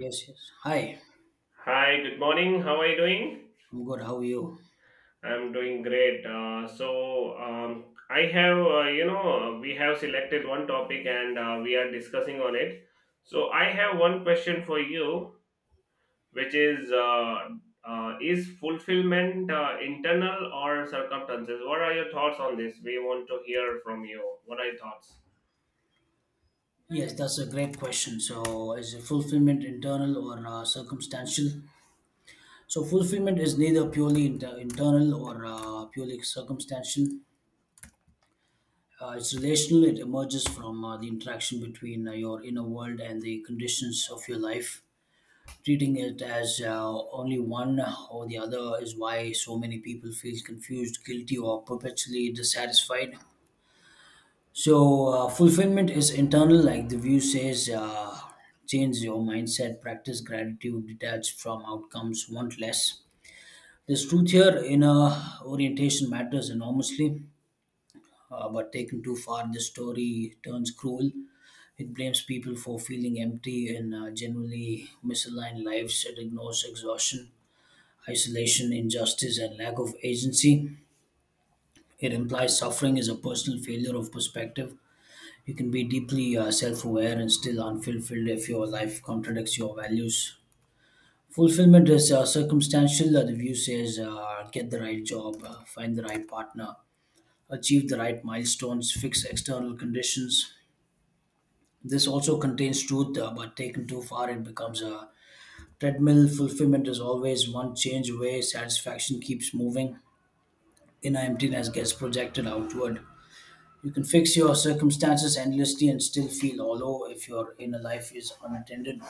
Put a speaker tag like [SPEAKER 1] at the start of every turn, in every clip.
[SPEAKER 1] Yes, yes. Hi,
[SPEAKER 2] Hi, good morning. How are you doing?
[SPEAKER 1] I'm good. How are you?
[SPEAKER 2] I'm doing great. Um, I have, we have selected one topic and we are discussing on it. So, I have one question for you, which is fulfillment internal or circumstances? What are your thoughts on this? We want to hear from you. What are your thoughts?
[SPEAKER 1] Yes, that's a great question. So, is fulfillment internal or circumstantial? So, fulfillment is neither purely internal or purely circumstantial. It's relational, it emerges from the interaction between your inner world and the conditions of your life. Treating it as only one or the other is why so many people feel confused, guilty, or perpetually dissatisfied. So, fulfillment is internal, like the view says. Change your mindset, practice gratitude, detach from outcomes, want less. This truth here in orientation matters enormously, but taken too far, the story turns cruel. It blames people for feeling empty and generally misaligned lives. It ignores exhaustion, isolation, injustice, and lack of agency. It implies suffering is a personal failure of perspective. You can be deeply self aware and still unfulfilled if your life contradicts your values. Fulfillment is circumstantial. The view says get the right job, find the right partner, achieve the right milestones, fix external conditions. This also contains truth, but taken too far, it becomes a treadmill. Fulfillment is always one change away, satisfaction keeps moving, inner emptiness gets projected outward. You can fix your circumstances endlessly and still feel hollow if your inner life is unattended.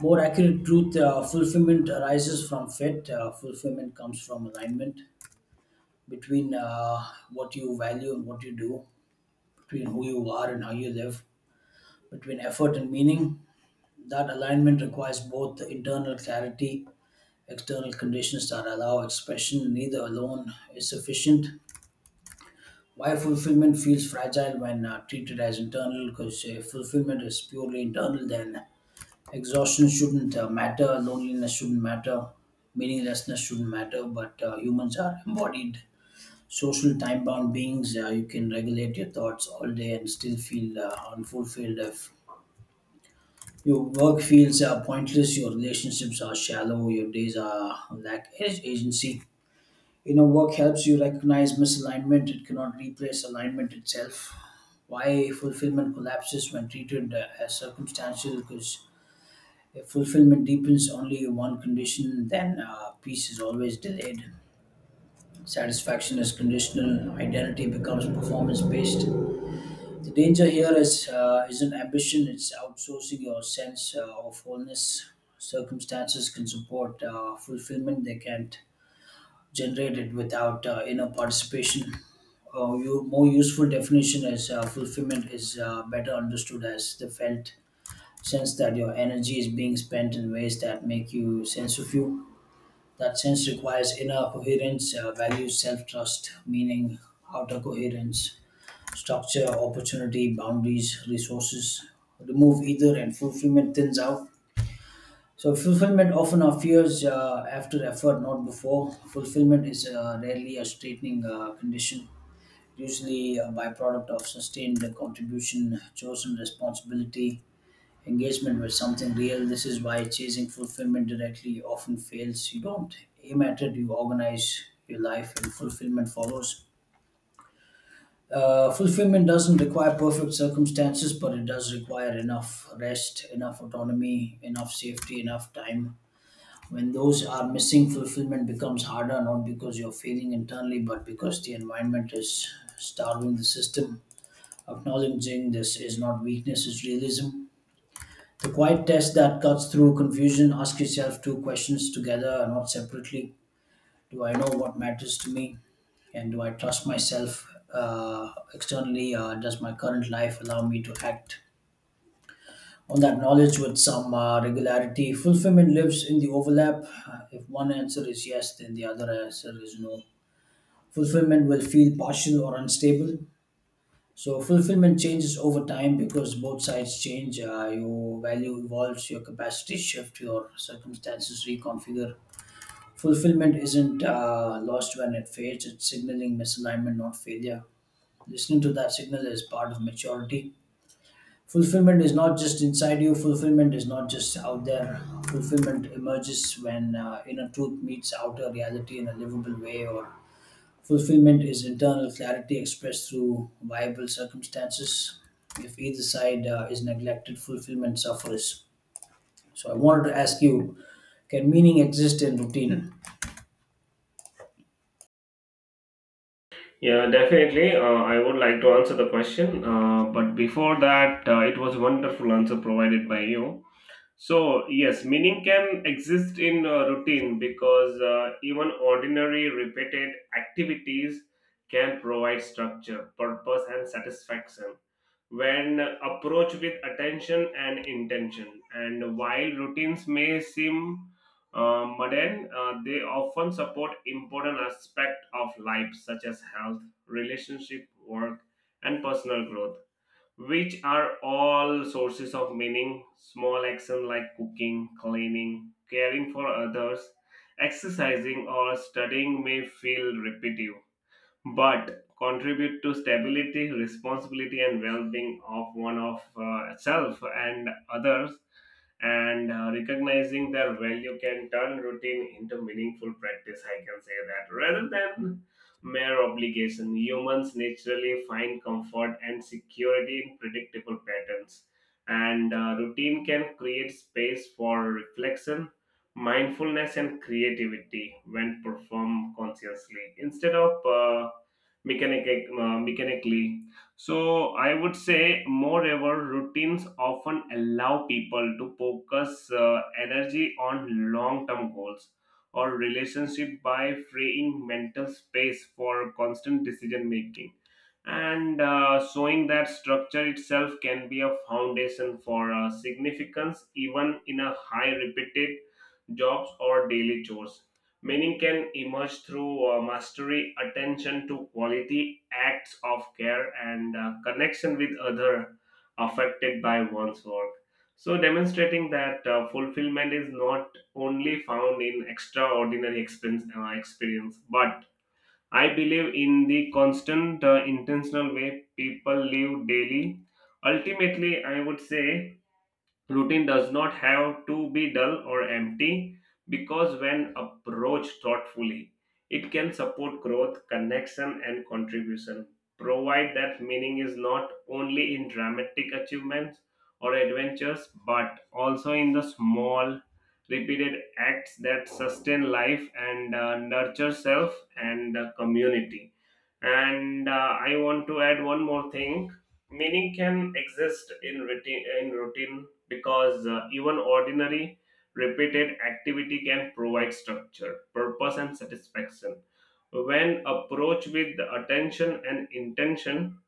[SPEAKER 1] More accurate truth, fulfillment arises from fit. Fulfillment comes from alignment between what you value and what you do, between who you are and how you live, between effort and meaning. That alignment requires both internal clarity, external conditions that allow expression. Neither alone is sufficient. Why fulfillment feels fragile when treated as internal, because if fulfillment is purely internal, then exhaustion shouldn't matter, loneliness shouldn't matter, meaninglessness shouldn't matter. But humans are embodied, social, time bound beings. You can regulate your thoughts all day and still feel unfulfilled if your work feels pointless, your relationships are shallow, your days are lack agency. Work helps you recognize misalignment. It cannot replace alignment itself. Why fulfillment collapses when treated as circumstantial? Because if fulfillment deepens only in one condition, then peace is always delayed. Satisfaction is conditional. Identity becomes performance based. The danger here is isn't ambition. It's outsourcing your sense of wholeness. Circumstances can support fulfillment. They can't generated without inner participation. Your more useful definition is, fulfillment is better understood as the felt sense that your energy is being spent in ways that make you sense of you. That sense requires inner coherence, values, self trust, meaning, outer coherence, structure, opportunity, boundaries, resources. Remove either and fulfillment thins out. So fulfillment often appears after effort, not before. Fulfillment is rarely a straightening condition, usually a byproduct of sustained contribution, chosen responsibility, engagement with something real. This is why chasing fulfillment directly often fails. You don't aim at it; you organize your life, and fulfillment follows. Fulfillment doesn't require perfect circumstances, but it does require enough rest, enough autonomy, enough safety, enough time. When those are missing, fulfillment becomes harder, not because you're failing internally, but because the environment is starving the system. Acknowledging this is not weakness, it's realism. The quiet test that cuts through confusion: ask yourself two questions together, not separately. Do I know what matters to me? And do I trust myself externally? Does my current life allow me to act on that knowledge with some regularity? Fulfillment lives in the overlap. If one answer is yes, then the other answer is no, fulfillment will feel partial or unstable. So, fulfillment changes over time because both sides change. Your value evolves, your capacity shift, your circumstances reconfigure. Fulfillment isn't lost when it fades, it's signaling misalignment, not failure. Listening to that signal is part of maturity. Fulfillment is not just inside you, fulfillment is not just out there. Fulfillment emerges when inner truth meets outer reality in a livable way, or fulfillment is internal clarity expressed through viable circumstances. If either side is neglected, fulfillment suffers. So, I wanted to ask you: can meaning exist in routine?
[SPEAKER 2] Yeah, definitely. I would like to answer the question. But before that, it was wonderful answer provided by you. So, yes, meaning can exist in routine because even ordinary repeated activities can provide structure, purpose, and satisfaction when approached with attention and intention. And while routines may seem mundane, they often support important aspects of life such as health, relationship, work, and personal growth which are all sources of meaning. Small action like cooking, cleaning, caring for others, exercising, or studying may feel repetitive but contribute to stability, responsibility, and well-being of one of self and others. And Recognizing their value can turn routine into meaningful practice. I can say that rather than mere obligation, humans naturally find comfort and security in predictable patterns. And Routine can create space for reflection, mindfulness, and creativity when performed consciously instead of mechanically. So I would say, moreover, routines often allow people to focus energy on long-term goals or relationship by freeing mental space for constant decision making and showing that structure itself can be a foundation for significance even in a high repeated jobs, or daily chores. Meaning can emerge through mastery, attention to quality, acts of care, and connection with other affected by one's work. So, demonstrating that fulfillment is not only found in extraordinary experience, but I believe in the constant, intentional way people live daily. Ultimately, I would say Routine does not have to be dull or empty because, when approached thoughtfully, it can support growth, connection, and contribution. Provide that meaning is not only in dramatic achievements or adventures, but also in the small, repeated acts that sustain life and nurture self and community and I want to add one more thing meaning can exist in routine because even ordinary repeated activity can provide structure purpose and satisfaction when approached with attention and intention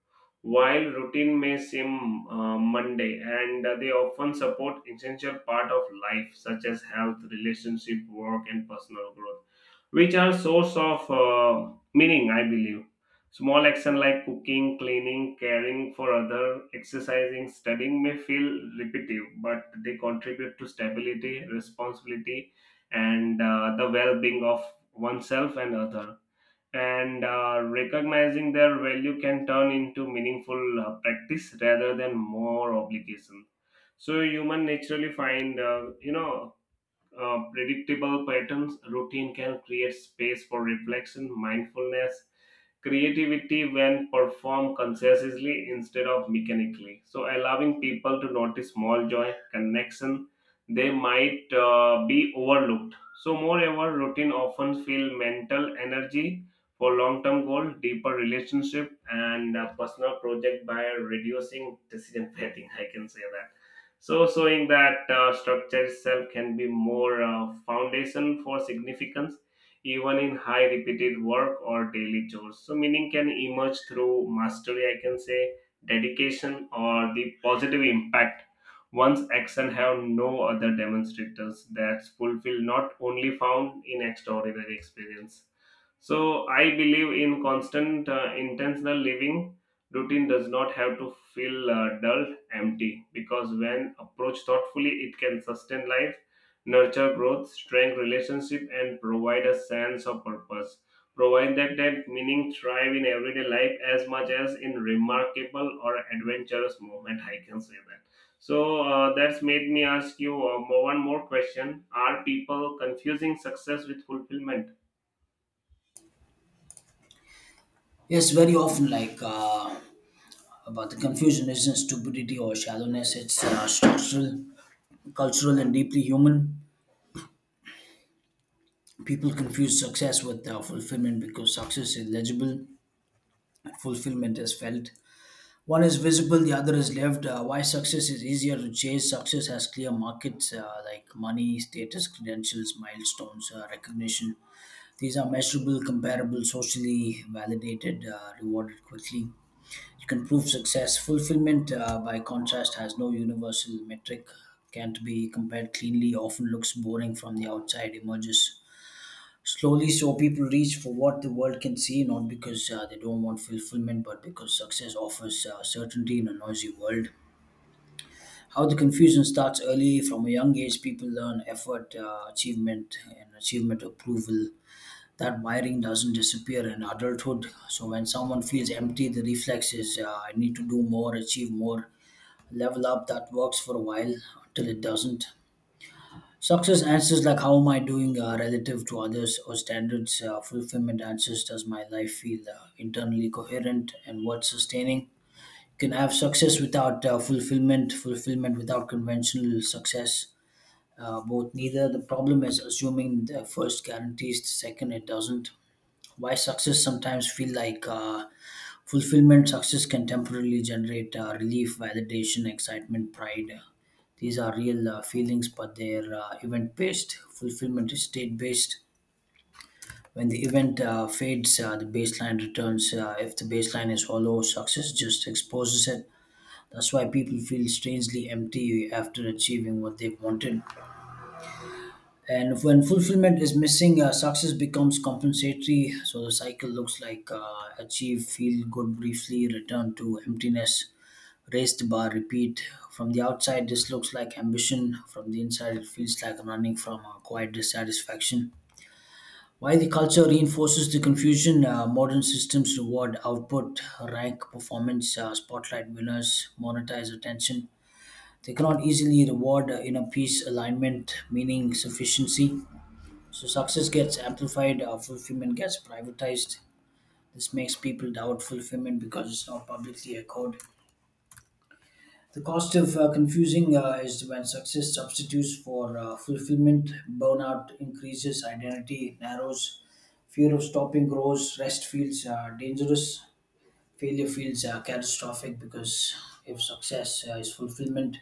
[SPEAKER 2] while routine may seem mundane and they often support essential part of life such as health relationship work and personal growth which are source of meaning I believe small action like cooking cleaning caring for other exercising studying may feel repetitive but they contribute to stability responsibility and the well-being of oneself and other and recognizing their value can turn into meaningful practice rather than more obligation so human naturally find predictable patterns, routine can create space for reflection, mindfulness, creativity when performed consciously instead of mechanically. So, allowing people to notice small joy, connection, they might be overlooked. So, moreover, routine often feel mental energy for long-term goal, deeper relationship, and personal project by reducing decision fatigue. I can say that so, showing that structure itself can be more foundation for significance, even in high repeated work or daily chores. So, meaning can emerge through mastery, I can say, dedication, or the positive impact. Once action have no other demonstrators that's fulfill not only found in extraordinary experience. So I believe in constant, intentional living. Routine does not have to feel dull, empty, because when approached thoughtfully, it can sustain life, nurture growth, strengthen relationship, and provide a sense of purpose. Provide that meaning thrive in everyday life as much as in remarkable or adventurous moment. I can say that. So that's made me ask you one more question: Are people confusing success with fulfillment?
[SPEAKER 1] Yes, very often. Like, about the confusion isn't stupidity or shallowness, it's structural, cultural, and deeply human. People confuse success with fulfillment because success is legible and fulfillment is felt. One is visible, the other is lived. Why success is easier to chase? Success has clear markets, like money, status, credentials, milestones, recognition. These are measurable, comparable, socially validated, rewarded quickly. You can prove success. Fulfillment, by contrast, has no universal metric, can't be compared cleanly, often looks boring from the outside, emerges slowly, so people reach for what the world can see, not because they don't want fulfillment, but because success offers certainty in a noisy world. How the confusion starts early: from a young age, people learn effort, achievement, and achievement approval. That wiring doesn't disappear in adulthood. So, when someone feels empty, the reflex is, I need to do more, achieve more, level up. That works for a while until it doesn't. Success answers like, how am I doing relative to others or standards? Fulfillment answers, does my life feel internally coherent and what's sustaining? You can have success without fulfillment, fulfillment without conventional success, both, neither. The problem is assuming the first guarantees the second. It doesn't. Why success sometimes feel like fulfillment? Success can temporarily generate relief, validation, excitement, pride. These are real feelings, but they're event based. Fulfillment is state based. When the event fades, the baseline returns. If the baseline is hollow, success just exposes it. That's why people feel strangely empty after achieving what they wanted. And when fulfillment is missing, success becomes compensatory. So the cycle looks like, achieve, feel good briefly, return to emptiness, raise the bar, repeat. From the outside, this looks like ambition. From the inside, it feels like running from a quiet dissatisfaction. While the culture reinforces the confusion, modern systems reward output, rank performance, spotlight winners, monetize attention. They cannot easily reward inner peace, alignment, meaning, sufficiency. So success gets amplified, fulfillment gets privatized. This makes people doubt fulfillment because it's not publicly echoed. The cost of confusing is, when success substitutes for fulfillment, burnout increases, identity narrows, fear of stopping grows, rest feels dangerous, failure feels catastrophic, because if success is fulfillment,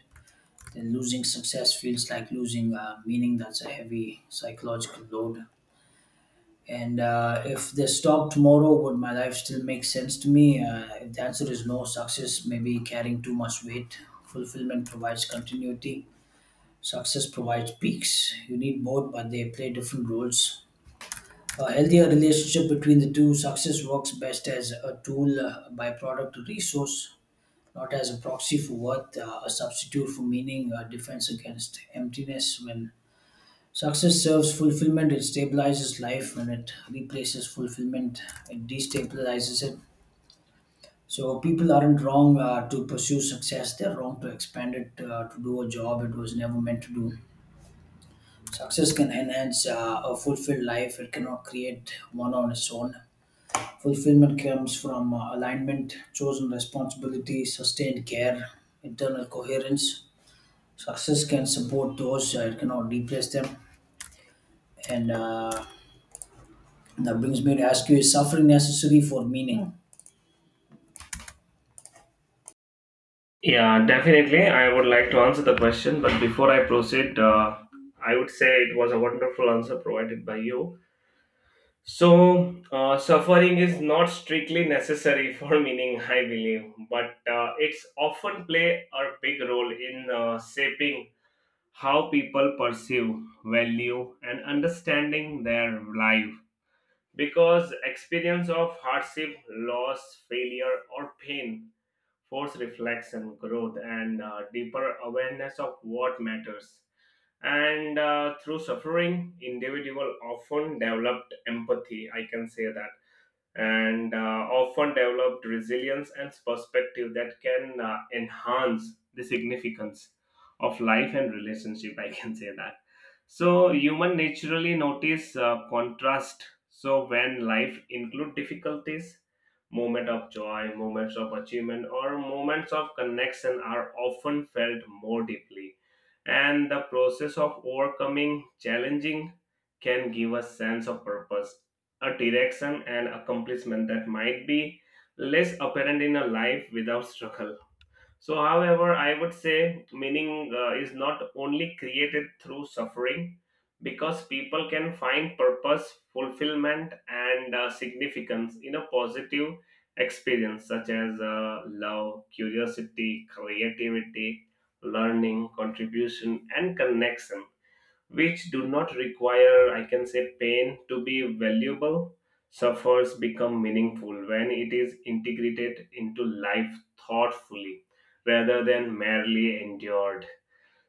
[SPEAKER 1] then losing success feels like losing meaning. That's a heavy psychological load. And if they stop tomorrow, would my life still make sense to me? If the answer is no, success may be carrying too much weight. Fulfillment provides continuity, success provides peaks. You need both, but they play different roles. A healthier relationship between the two: success works best as a tool, a byproduct, a resource, not as a proxy for worth, a substitute for meaning, a defense against emptiness. When success serves fulfillment, it stabilizes life. When it replaces fulfillment, it destabilizes it. So, people aren't wrong to pursue success, they're wrong to expand it to do a job it was never meant to do. Success can enhance a fulfilled life, it cannot create one on its own. Fulfillment comes from alignment, chosen responsibility, sustained care, internal coherence. Success can support those, it cannot replace them. And That brings me to ask you: is suffering necessary for meaning?
[SPEAKER 2] Yeah, definitely. I would like to answer the question, but before I proceed, I would say it was a wonderful answer provided by you. So, suffering is not strictly necessary for meaning, I believe, but it's often play a big role in shaping how people perceive, value, and understanding their life. Because experience of hardship, loss, failure, or pain force reflection, growth, and deeper awareness of what matters. And Through suffering, individual often developed empathy. I can say that and often developed resilience and perspective that can enhance the significance of life and relationship I can say that so human naturally notice contrast so when life include difficulties moment of joy moments of achievement or moments of connection are often felt more deeply and the process of overcoming challenging can give a sense of purpose a direction and accomplishment that might be less apparent in a life without struggle. So, however, I would say meaning is not only created through suffering because people can find purpose, fulfillment, and significance in a positive experience such as love, curiosity, creativity, learning, contribution, and connection which do not require, I can say, pain to be valuable, suffers become meaningful when it is integrated into life thoughtfully rather than merely endured.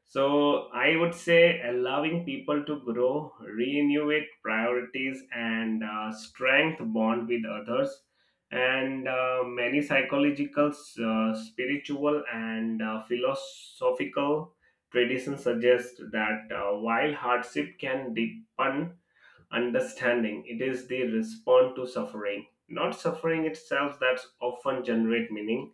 [SPEAKER 2] So I would say allowing people to grow, renovate priorities, and strength bond with others, and many psychological, spiritual, and philosophical traditions suggest that while hardship can deepen understanding, it is the response to suffering, not suffering itself, that's often generate meaning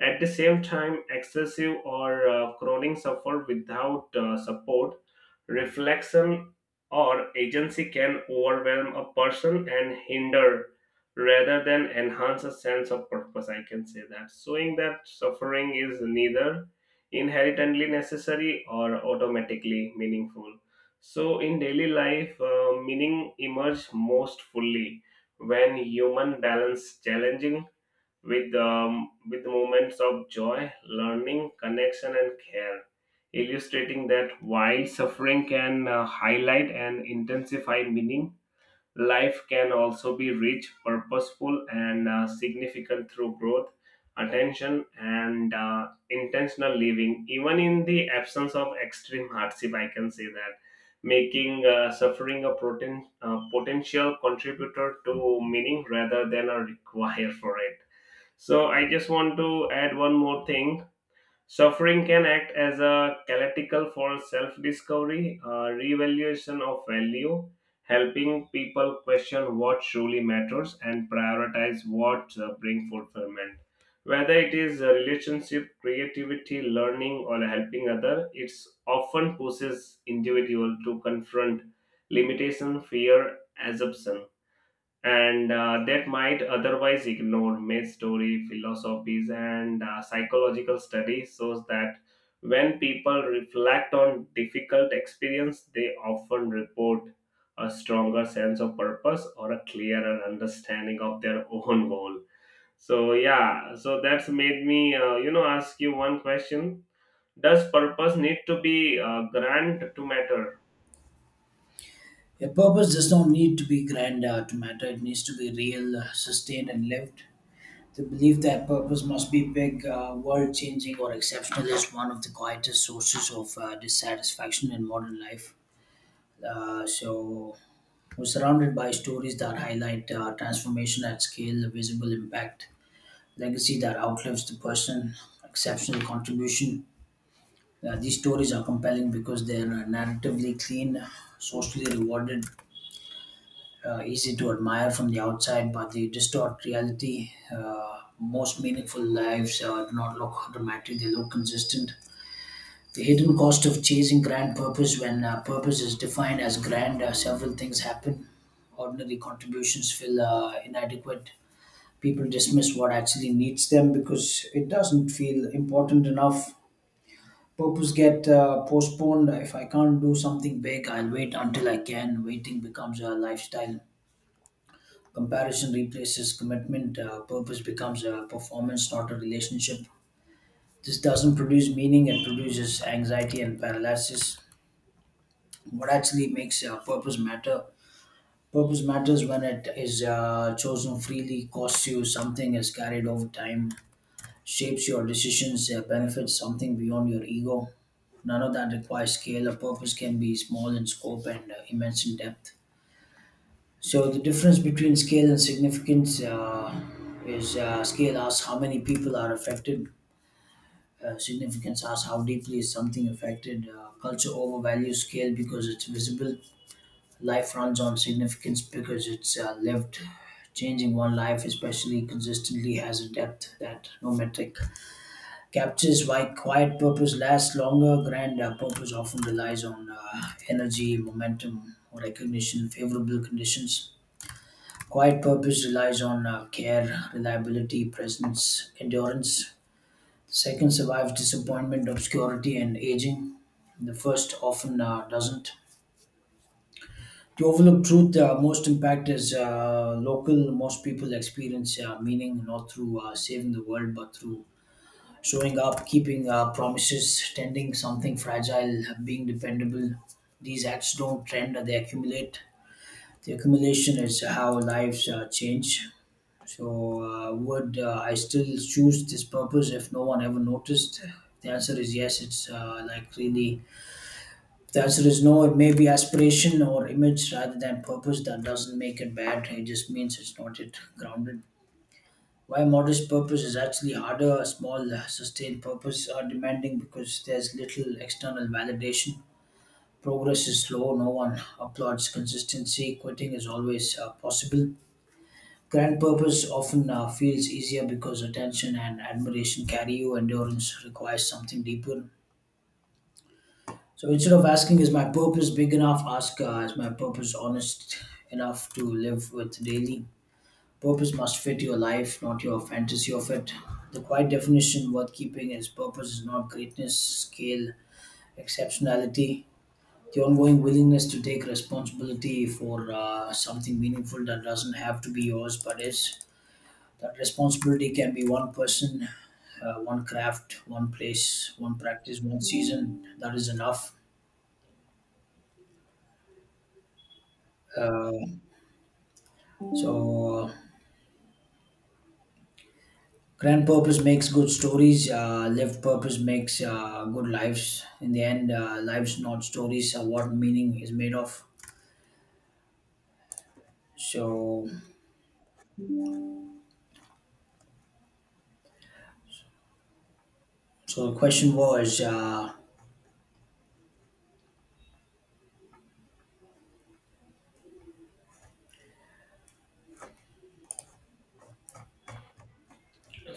[SPEAKER 2] at the same time, excessive or chronic suffer without support, reflection, or agency can overwhelm a person and hinder rather than enhance a sense of purpose. I can say that. Showing that suffering is neither inherently necessary or automatically meaningful. So, in daily life, meaning emerges most fully when human balance challenging with moments of joy, learning, connection, and care, illustrating that while suffering can highlight and intensify meaning, life can also be rich, purposeful, and significant through growth, attention, and intentional living, even in the absence of extreme hardship. I can say that. Making suffering a potential contributor to meaning rather than a require for it so I just want to add one more thing. Suffering can act as a catalytical for self-discovery, revaluation of value, helping people question what truly matters and prioritize what bring fulfillment. Whether it is a relationship, creativity, learning, or helping other, it often pushes individual to confront limitation, fear, assumption and that might otherwise ignore myth story philosophies and psychological studies shows that when people reflect on difficult experience they often report a stronger sense of purpose or a clearer understanding of their own goal so yeah so that's made me ask you one question does purpose need to be grand to matter
[SPEAKER 1] A purpose does not need to be grand to matter. It needs to be real, sustained, and lived. The belief that purpose must be big, world-changing, or exceptional is one of the quietest sources of dissatisfaction in modern life. So, we're surrounded by stories that highlight transformation at scale, visible impact, legacy that outlives the person, exceptional contribution. These stories are compelling because they're narratively clean, socially rewarded, easy to admire from the outside, but they distort reality. Most meaningful lives do not look dramatic, they look consistent. The hidden cost of chasing grand purpose: when purpose is defined as grand, several things happen. Ordinary contributions feel inadequate. People dismiss what actually needs them because it doesn't feel important enough. Purpose get postponed. If I can't do something big, I'll wait until I can. Waiting becomes a lifestyle. Comparison replaces commitment. Purpose becomes a performance, not a relationship. This doesn't produce meaning, it produces anxiety and paralysis. What actually makes purpose matter? Purpose matters when it is chosen freely, costs you something, is carried over time, shapes your decisions, benefits something beyond your ego. None of that requires scale. A purpose can be small in scope and immense in depth. So the difference between scale and significance is scale asks how many people are affected. Significance asks how deeply is something affected. Culture overvalues scale because it's visible. Life runs on significance because it's lived. Changing one life, especially consistently, has a depth that no metric captures why quiet purpose lasts longer. Grand purpose often relies on energy, momentum, or recognition, favorable conditions. Quiet purpose relies on care, reliability, presence, endurance. Second survives disappointment, obscurity, and aging. The first often doesn't. To overlook truth, most impact is local. Most people experience meaning not through saving the world, but through showing up, keeping promises, tending something fragile, being dependable. These acts don't trend, they accumulate. The accumulation is how lives change. Would I still choose this purpose if no one ever noticed? The answer is yes. It's like really. If the answer is no, it may be aspiration or image rather than purpose. That doesn't make it bad. It just means it's not yet grounded. Why modest purpose is actually harder, small, sustained purpose are demanding because there's little external validation. Progress is slow, no one applauds consistency, quitting is always possible. Grand purpose often feels easier because attention and admiration carry you, endurance requires something deeper. So instead of asking, is my purpose big enough, ask, is my purpose honest enough to live with daily? Purpose must fit your life, not your fantasy of it. The quiet definition worth keeping is purpose is not greatness, scale, exceptionality. The ongoing willingness to take responsibility for something meaningful that doesn't have to be yours but is. That responsibility can be one person, one craft, one place, one practice, one season. That is enough. Uh, so, Grand purpose makes good stories. Lived purpose makes good lives. In the end, lives not stories are what meaning is made of. So, the question was,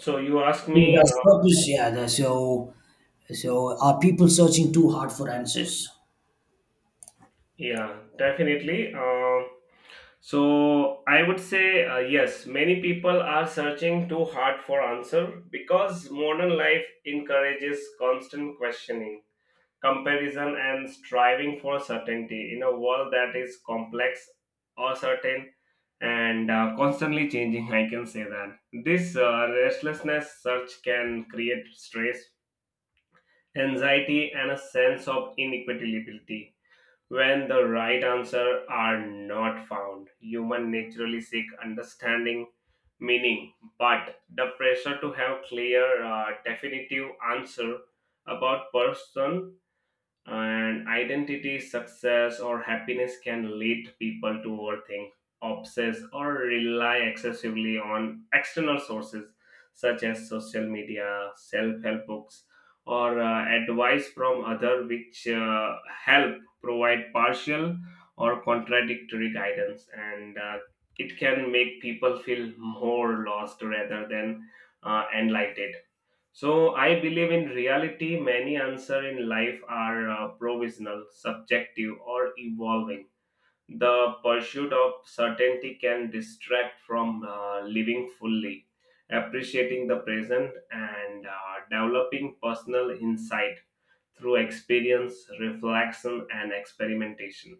[SPEAKER 2] so you ask
[SPEAKER 1] who
[SPEAKER 2] me
[SPEAKER 1] does purpose? Yeah. So are people searching too hard for answers?
[SPEAKER 2] yeah definitely So I would say yes, many people are searching too hard for answer because modern life encourages constant questioning, comparison and striving for certainty in a world that is complex, uncertain and constantly changing, I can say that. This restlessness search can create stress, anxiety and a sense of inequitability when the right answer are not found, human naturally seek understanding, meaning, but the pressure to have clear, definitive answer about person and identity, success, or happiness can lead people to overthink, obsess, or rely excessively on external sources such as social media, self help books, or advice from others, which help provide partial or contradictory guidance. And It can make people feel more lost rather than enlightened. So I believe in reality, many answers in life are provisional, subjective, or evolving. The pursuit of certainty can distract from living fully, appreciating the present, and developing personal insight through experience, reflection, and experimentation.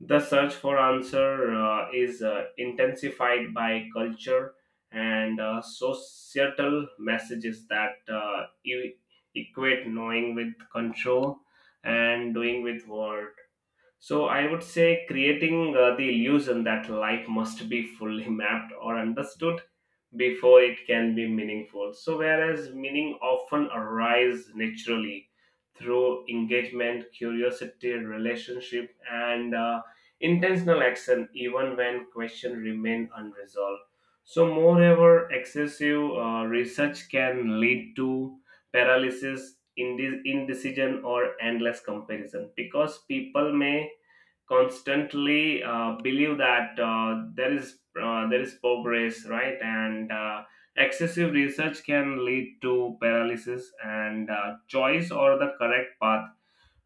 [SPEAKER 2] The search for answer is intensified by culture and societal messages that equate knowing with control and doing with worth. So I would say creating the illusion that life must be fully mapped or understood before it can be meaningful. So whereas meaning often arises naturally through engagement, curiosity, relationship, and intentional action, even when questions remain unresolved. So moreover, excessive research can lead to paralysis, indecision, or endless comparison because people may constantly believe that there is progress, right? And Excessive research can lead to paralysis and choice or the correct path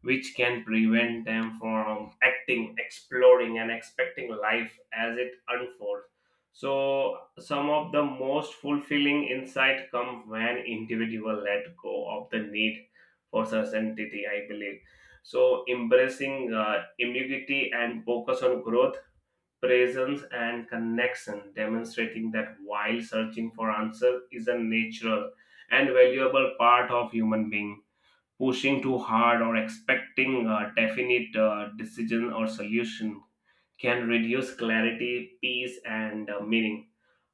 [SPEAKER 2] which can prevent them from acting, exploring, and expecting life as it unfolds. So, some of the most fulfilling insight come when individual let go of the need for certainty. I believe so. Embracing ambiguity and focus on growth, presence, and connection, demonstrating that while searching for answer is a natural and valuable part of human being pushing too hard or expecting a definite decision or solution can reduce clarity, peace, and meaning.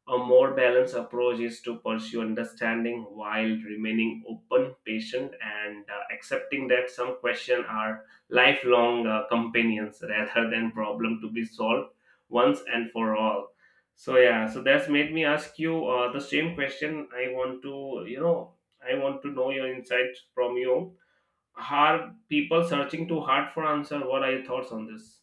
[SPEAKER 2] A more balanced approach is to pursue understanding while remaining open, patient, and accepting that some questions are lifelong companions rather than problem to be solved once and for all. So yeah, so that's made me ask you the same question. I want to, you know, I want to know your insight from you are people searching too hard for answer? What are your thoughts on this?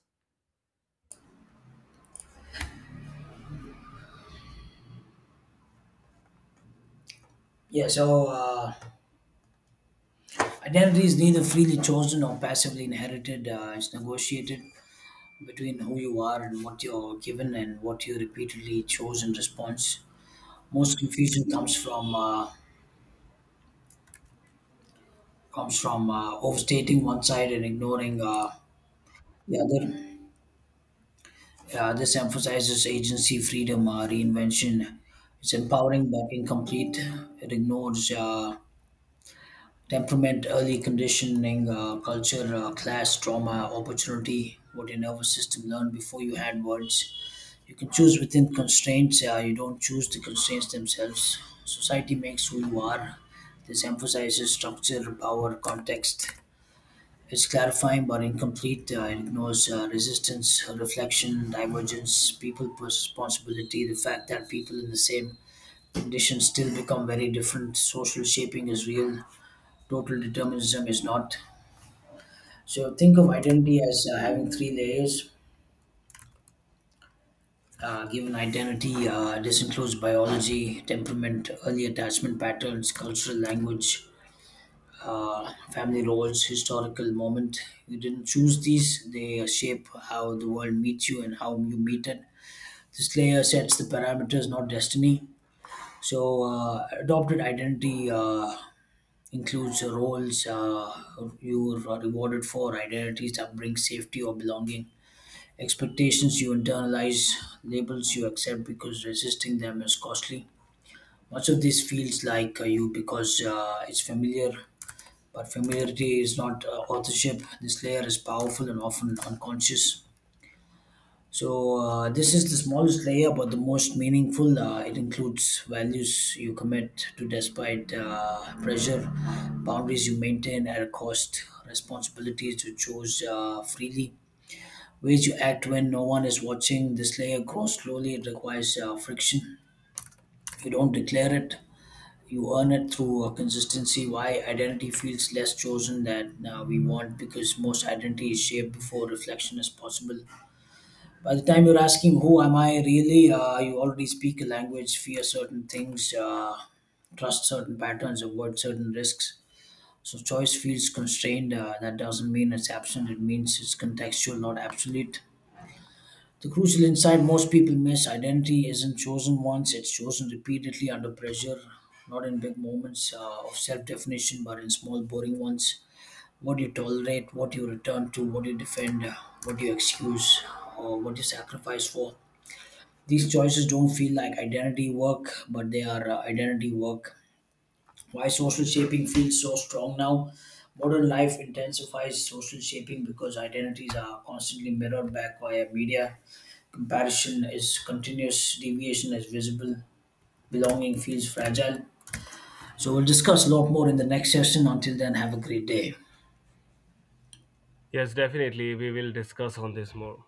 [SPEAKER 1] Yeah. Identity is neither freely chosen or passively inherited. It's negotiated between who you are and what you're given and what you repeatedly chose in response. Most confusion comes from overstating one side and ignoring the other. This emphasizes agency, freedom, reinvention. It's empowering but incomplete. It ignores temperament, early conditioning, culture, class, trauma, opportunity, what your nervous system learned before you had words. You can choose within constraints, you don't choose the constraints themselves. Society makes who you are. This emphasizes structure, power, context. It's clarifying but incomplete. It ignores resistance, reflection, divergence, people responsibility, the fact that people in the same conditions still become very different. Social shaping is real, total determinism is not. So think of identity as having three layers. Given identity, this includes biology, temperament, early attachment patterns, cultural language, family roles, historical moment. You didn't choose these; they shape how the world meets you and how you meet it. This layer sets the parameters, not destiny. Adopted identity includes roles you are rewarded for, identities that bring safety or belonging, expectations you internalize, labels you accept because resisting them is costly. Much of this feels like you because it's familiar, but familiarity is not authorship. This layer is powerful and often unconscious. This is the smallest layer but the most meaningful. It includes values you commit to despite pressure, boundaries you maintain at a cost, responsibilities you choose freely, ways you act when no one is watching. This layer grows slowly, it requires friction. You don't declare it, you earn it through consistency why identity feels less chosen than we want because most identity is shaped before reflection is possible by the time you're asking who am I really, you already speak a language fear certain things, trust certain patterns avoid certain risks so choice feels constrained, that doesn't mean it's absent it means it's contextual not absolute the crucial insight most people miss identity isn't chosen once, it's chosen repeatedly under pressure, not in big moments of self definition, but in small, boring ones. What you tolerate, what you return to, what you defend, what you excuse, or what you sacrifice for. These choices don't feel like identity work, but they are identity work. Why social shaping feels so strong now? Modern life intensifies social shaping because identities are constantly mirrored back via media. Comparison is continuous, deviation is visible, belonging feels fragile. So, we'll discuss a lot more in the next session. Until then, have a great day.
[SPEAKER 2] Yes, definitely. We will discuss on this more.